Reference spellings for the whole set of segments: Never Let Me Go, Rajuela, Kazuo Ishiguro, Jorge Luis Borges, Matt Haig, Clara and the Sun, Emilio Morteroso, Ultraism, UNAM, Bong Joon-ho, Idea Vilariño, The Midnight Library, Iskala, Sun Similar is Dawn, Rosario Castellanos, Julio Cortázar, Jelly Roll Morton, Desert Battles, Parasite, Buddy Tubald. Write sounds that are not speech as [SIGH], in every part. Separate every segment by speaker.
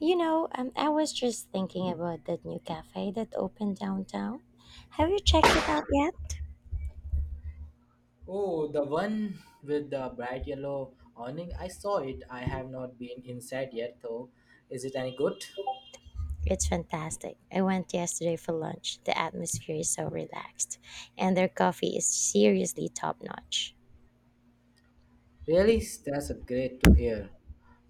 Speaker 1: I was just thinking about that new cafe that opened downtown. Have you checked it out yet?
Speaker 2: Oh, the one with the bright yellow awning. I saw it. I have not been inside yet, though. Is it any good?
Speaker 1: It's fantastic. I went yesterday for lunch. The atmosphere is so relaxed, and their coffee is seriously top notch.
Speaker 2: Really? That's a great to hear.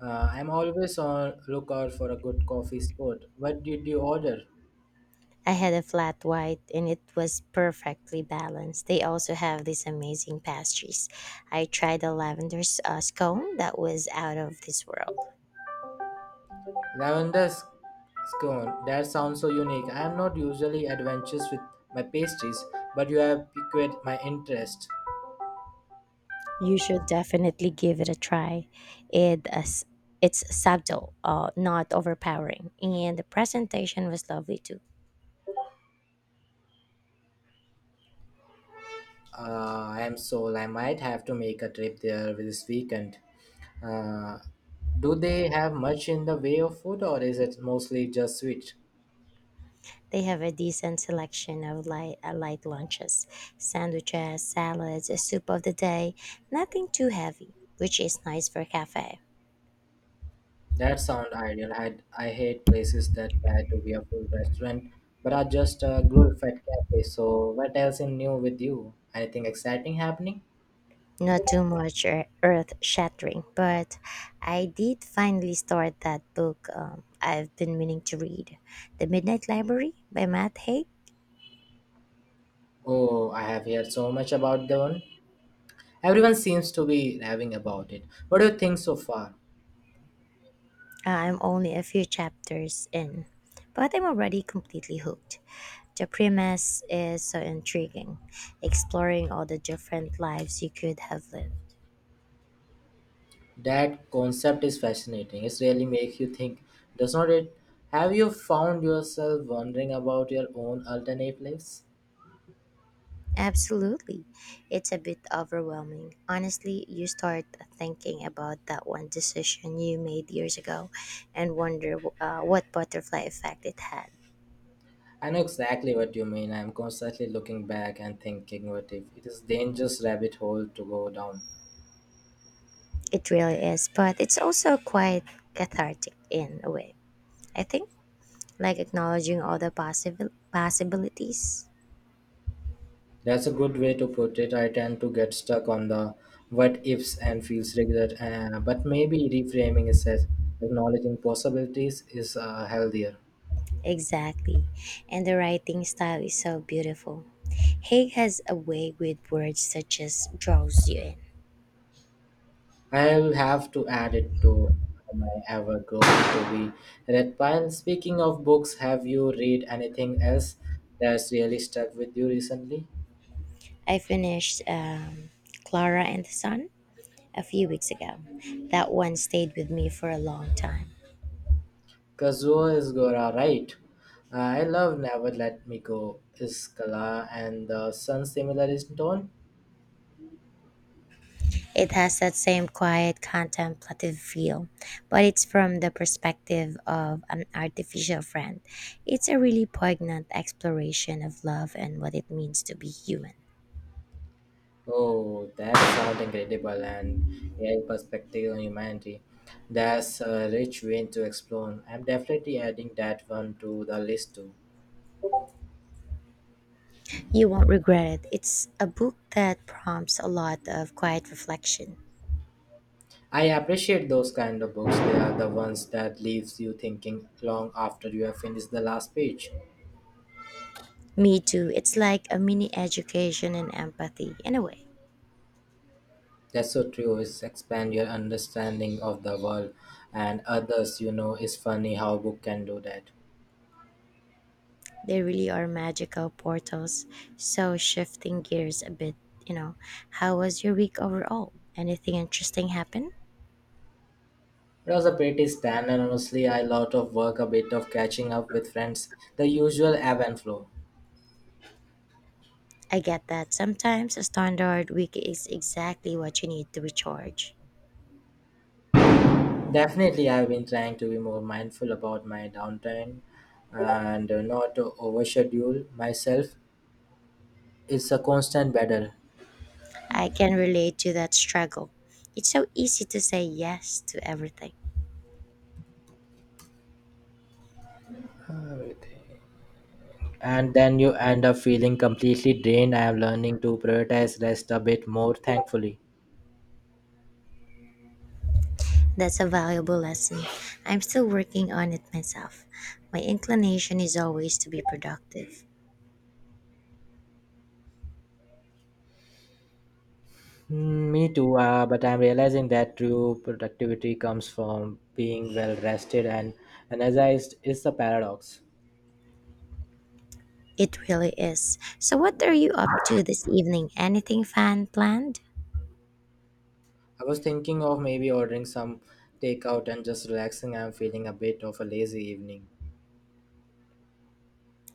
Speaker 2: I'm always on lookout for a good coffee spot. What did you order?
Speaker 1: I had a flat white, and it was perfectly balanced. They also have these amazing pastries. I tried a lavender scone that was out of this world.
Speaker 2: Lavender scone. That sounds so unique. I am not usually adventurous with my pastries, but you have piqued my interest.
Speaker 1: You should definitely give it a try. It as it's subtle, not overpowering, and the presentation was lovely too.
Speaker 2: I am sold. I might have to make a trip there this weekend. Uh, do they have much in the way of food, or is it mostly just sweet?
Speaker 1: They have a decent selection of light lunches, sandwiches, salads, a soup of the day. Nothing too heavy, which is nice for a cafe.
Speaker 2: That sound ideal. I hate places that try to be a full restaurant, but are just a glorified cafe. So, what else in new with you? Anything exciting happening?
Speaker 1: Not too much earth shattering, but I did finally start that book I've been meaning to read, The Midnight Library by Matt Haig.
Speaker 2: Oh, I have heard so much about the one. Everyone seems to be raving about it. What do you think so far?
Speaker 1: I'm only a few chapters in, but I'm already completely hooked. The premise is so intriguing, exploring all the different lives you could have lived.
Speaker 2: That concept is fascinating. It really makes you think, does not it? Have you found yourself wondering about your own alternate lives?
Speaker 1: Absolutely. It's a bit overwhelming. Honestly, you start thinking about that one decision you made years ago and wonder what butterfly effect it had.
Speaker 2: I know exactly what you mean. I'm constantly looking back and thinking, what if it is dangerous rabbit hole to go down?
Speaker 1: It really is, but it's also quite cathartic in a way, I think, like acknowledging all the possible possibilities.
Speaker 2: That's a good way to put it. I tend to get stuck on the what ifs and feels regret, but maybe reframing it as acknowledging possibilities is healthier.
Speaker 1: Exactly. And the writing style is so beautiful. Haig has a way with words that just draws you in.
Speaker 2: I'll have to add it to am I ever going to be read pile. Speaking of books, have you read anything else that's really stuck with you recently?
Speaker 1: I finished Clara and the Sun a few weeks ago. That one stayed with me for a long time.
Speaker 2: Kazuo Ishiguro, right? I love Never Let Me Go, Iskala, and the Sun Similar is Dawn.
Speaker 1: It has that same quiet, contemplative feel, but it's from the perspective of an artificial friend. It's a really poignant exploration of love and what it means to be human.
Speaker 2: Oh, that sounds incredible and a perspective on humanity. That's a rich vein to explore. I'm definitely adding that one to the list too.
Speaker 1: You won't regret it. It's a book that prompts a lot of quiet reflection.
Speaker 2: I appreciate those kind of books. They are the ones that leaves you thinking long after you have finished the last page.
Speaker 1: Me too. It's like a mini education in empathy, in a way.
Speaker 2: That's so true. It's expand your understanding of the world and others. You know, it's funny how book can do that.
Speaker 1: They really are magical portals. So, shifting gears a bit, you know, how was your week overall? Anything interesting happen?
Speaker 2: It was a pretty stand, and honestly, I lot of work, a bit of catching up with friends, the usual ebb and flow.
Speaker 1: I get that sometimes a standard week is exactly what you need to recharge.
Speaker 2: Definitely, I've been trying to be more mindful about my downtime and not to overschedule myself. It's a constant battle.
Speaker 1: I can relate to that struggle. It's so easy to say yes to everything.
Speaker 2: And then you end up feeling completely drained. I am learning to prioritize rest a bit more, thankfully.
Speaker 1: That's a valuable lesson. I'm still working on it myself. My inclination is always to be productive.
Speaker 2: Mm, me too, but I'm realizing that true productivity comes from being well rested and energized is the paradox.
Speaker 1: It really is. So, what are you up to this evening? Anything fun planned?
Speaker 2: I was thinking of maybe ordering some takeout and just relaxing. I'm feeling a bit of a lazy evening.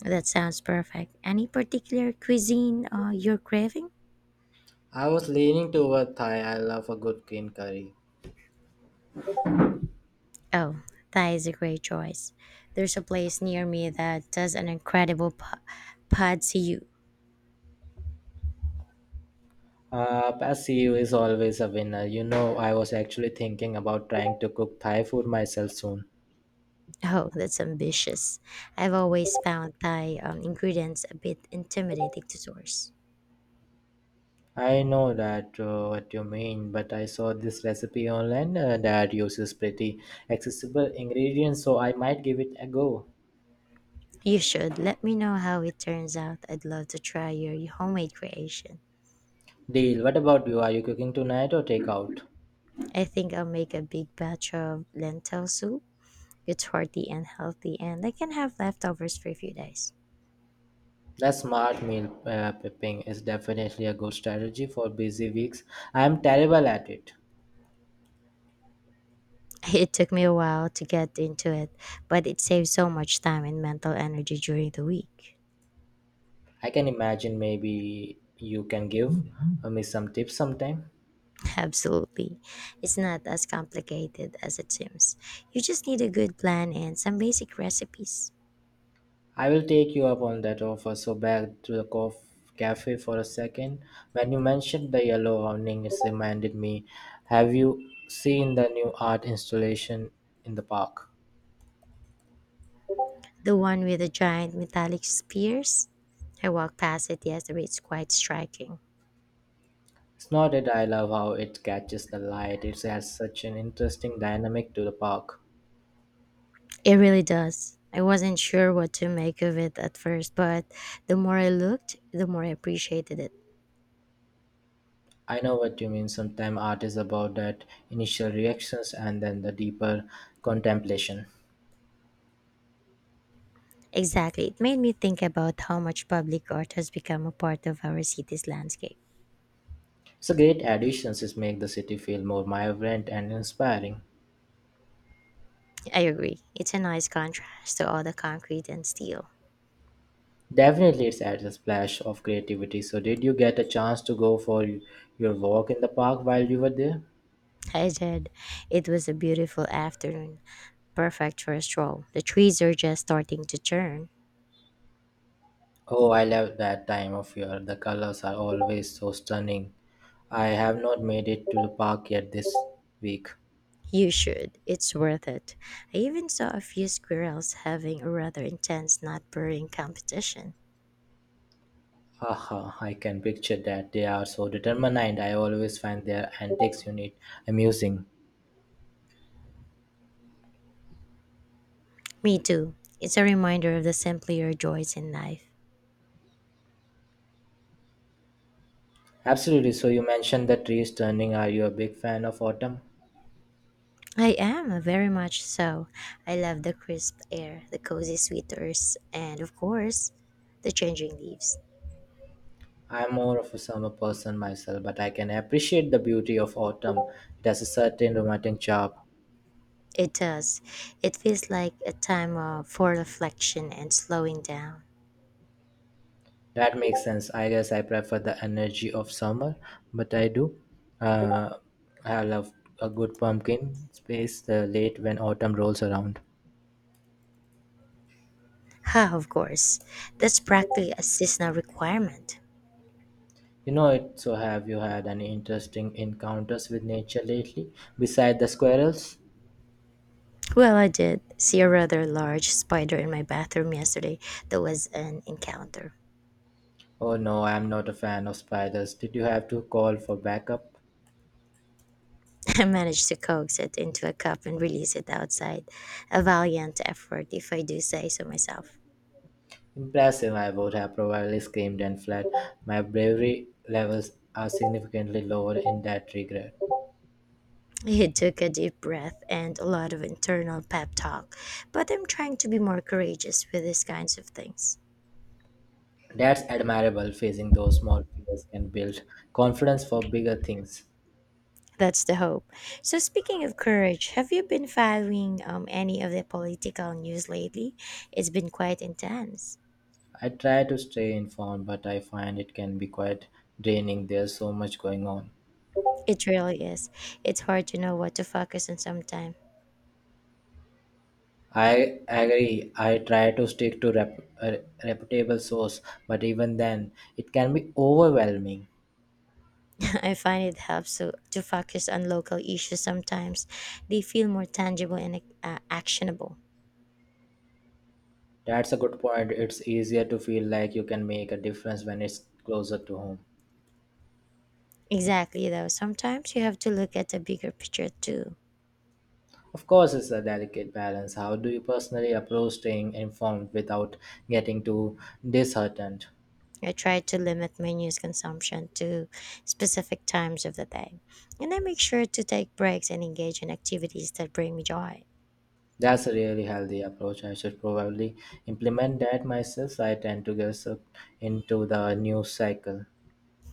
Speaker 1: That sounds perfect. Any particular cuisine you're craving?
Speaker 2: I was leaning toward Thai. I love a good green curry.
Speaker 1: Oh, Thai is a great choice. There's a place near me that does an incredible pad see you.
Speaker 2: Passive is always a winner. You know, I was actually thinking about trying to cook Thai food myself soon.
Speaker 1: Oh, that's ambitious. I've always found Thai ingredients a bit intimidating to source.
Speaker 2: I know that what you mean, but I saw this recipe online that uses pretty accessible ingredients, so I might give it a go.
Speaker 1: You should. Let me know how it turns out. I'd love to try your homemade creation.
Speaker 2: Deal. What about you? Are you cooking tonight or takeout?
Speaker 1: I think I'll make a big batch of lentil soup. It's hearty and healthy, and I can have leftovers for a few days.
Speaker 2: That smart meal prepping is definitely a good strategy for busy weeks. I am terrible at it.
Speaker 1: [LAUGHS] It took me a while to get into it, but it saves so much time and mental energy during the week.
Speaker 2: I can imagine maybe you can give me some tips sometime.
Speaker 1: [LAUGHS] Absolutely. It's not as complicated as it seems. You just need a good plan and some basic recipes.
Speaker 2: I will take you up on that offer. So back to the cafe for a second. When you mentioned the yellow awning, it reminded me. Have you seen the new art installation in the park?
Speaker 1: The one with the giant metallic spears? I walked past it yesterday. It's quite striking.
Speaker 2: It's not that I love how it catches the light. It has such an interesting dynamic to the park.
Speaker 1: It really does. I wasn't sure what to make of it at first, but the more I looked, the more I appreciated it.
Speaker 2: I know what you mean. Sometimes art is about that initial reactions and then the deeper contemplation.
Speaker 1: Exactly. It made me think about how much public art has become a part of our city's landscape.
Speaker 2: It's a great addition to make the city feel more vibrant and inspiring.
Speaker 1: I agree. It's a nice contrast to all the concrete and steel.
Speaker 2: Definitely, it adds a splash of creativity. So, did you get a chance to go for your walk in the park while you were there?
Speaker 1: I did. It was a beautiful afternoon, perfect for a stroll. The trees are just starting to turn.
Speaker 2: Oh, I love that time of year. The colors are always so stunning. I have not made it to the park yet this week.
Speaker 1: You should. It's worth it. I even saw a few squirrels having a rather intense nut burning competition.
Speaker 2: Haha, I can picture that. They are so determined, and I always find their antics unit amusing.
Speaker 1: Me too. It's a reminder of the simpler joys in life.
Speaker 2: Absolutely. So, you mentioned the trees turning. Are you a big fan of autumn?
Speaker 1: I am, very much so. I love the crisp air, the cozy sweaters, and of course, the changing leaves.
Speaker 2: I'm more of a summer person myself, but I can appreciate the beauty of autumn. It has a certain romantic charm.
Speaker 1: It does. It feels like a time of, for reflection and slowing down.
Speaker 2: That makes sense. I guess I prefer the energy of summer, but I do. Uh, I love a good pumpkin space the late when autumn rolls around.
Speaker 1: Ha, of course. That's practically a seasonal requirement.
Speaker 2: You know it. So have you had any interesting encounters with nature lately, beside the squirrels?
Speaker 1: Well, I did see a rather large spider in my bathroom yesterday. That was an encounter.
Speaker 2: Oh no, I'm not a fan of spiders. Did you have to call for backup?
Speaker 1: [LAUGHS] I managed to coax it into a cup and release it outside. A valiant effort, if I do say so myself.
Speaker 2: Impressive, I would have probably screamed and fled. My bravery levels are significantly lower in that regard.
Speaker 1: [LAUGHS] It took a deep breath and a lot of internal pep talk, but I'm trying to be more courageous with these kinds of things.
Speaker 2: That's admirable, facing those small fears can build confidence for bigger things.
Speaker 1: That's the hope. So, speaking of courage, have you been following any of the political news lately? It's been quite intense.
Speaker 2: I try to stay informed, but I find it can be quite draining. There's so much going on.
Speaker 1: It really is. It's hard to know what to focus on sometimes.
Speaker 2: I agree. I try to stick to a reputable source, but even then, it can be overwhelming.
Speaker 1: [LAUGHS] I find it helps to focus on local issues sometimes. They feel more tangible and actionable.
Speaker 2: That's a good point. It's easier to feel like you can make a difference when it's closer to home.
Speaker 1: Exactly, though. Sometimes you have to look at the bigger picture too.
Speaker 2: Of course, it's a delicate balance. How do you personally approach staying informed without getting too disheartened?
Speaker 1: I try to limit my news consumption to specific times of the day. And I make sure to take breaks and engage in activities that bring me joy.
Speaker 2: That's a really healthy approach. I should probably implement that myself. I tend to get sucked into the news cycle.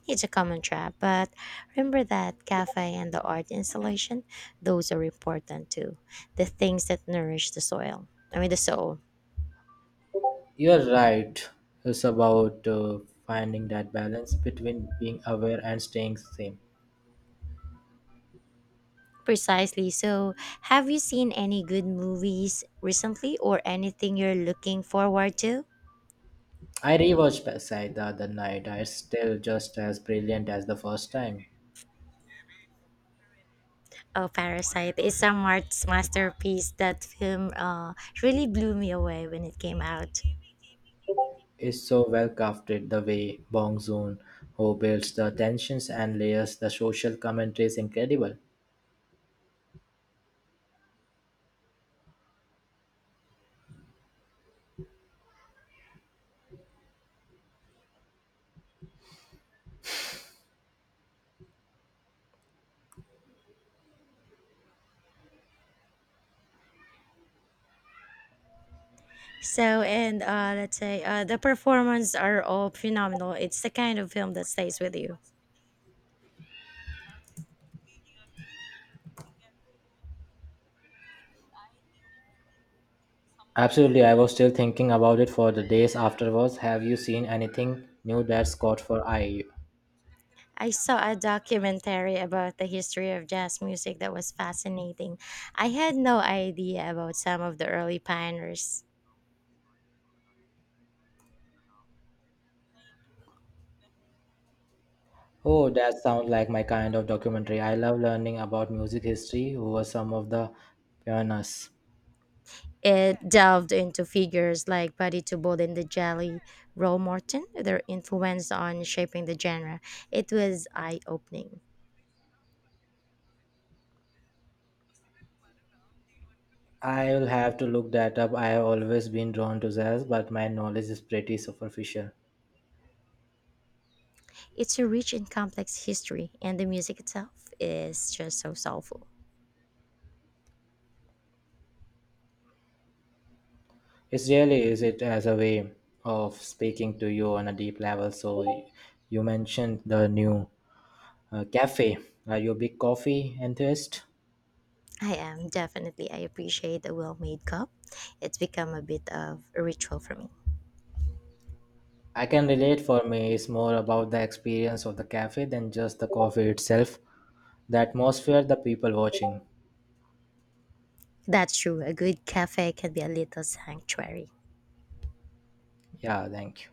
Speaker 1: It's a common trap, but remember that cafe and the art installation, those are important too. The things that nourish the soil. I mean, the soul.
Speaker 2: You're right. It's about finding that balance between being aware and staying sane.
Speaker 1: Precisely. So, have you seen any good movies recently or anything you're looking forward to?
Speaker 2: I rewatched Parasite the other night. It's still just as brilliant as the first time.
Speaker 1: Oh, Parasite is a Mart's masterpiece. That film really blew me away when it came out.
Speaker 2: Is so well crafted the way Bong Joon-ho builds the tensions and layers the social commentary is incredible.
Speaker 1: So, and let's say the performances are all phenomenal. It's the kind of film that stays with you.
Speaker 2: Absolutely, I was still thinking about it for the days afterwards. Have you seen anything new that's caught for eye?
Speaker 1: I saw a documentary about the history of jazz music that was fascinating. I had no idea about some of the early pioneers.
Speaker 2: Oh, that sounds like my kind of documentary. I love learning about music history, who were some of the pioneers.
Speaker 1: It delved into figures like Buddy Tubald and the Jelly Roll Morton, their influence on shaping the genre. It was eye opening.
Speaker 2: I will have to look that up. I have always been drawn to jazz, but my knowledge is pretty superficial.
Speaker 1: It's a rich and complex history, and the music itself is just so soulful.
Speaker 2: It really is it as a way of speaking to you on a deep level. So you mentioned the new cafe. Are you a big coffee enthusiast?
Speaker 1: I am definitely, I appreciate a well made cup. It's become a bit of a ritual for me.
Speaker 2: I can relate for me it's more about the experience of the cafe than just the coffee itself. The atmosphere, the people watching.
Speaker 1: That's true. A good cafe can be a little sanctuary.
Speaker 2: Yeah, thank you.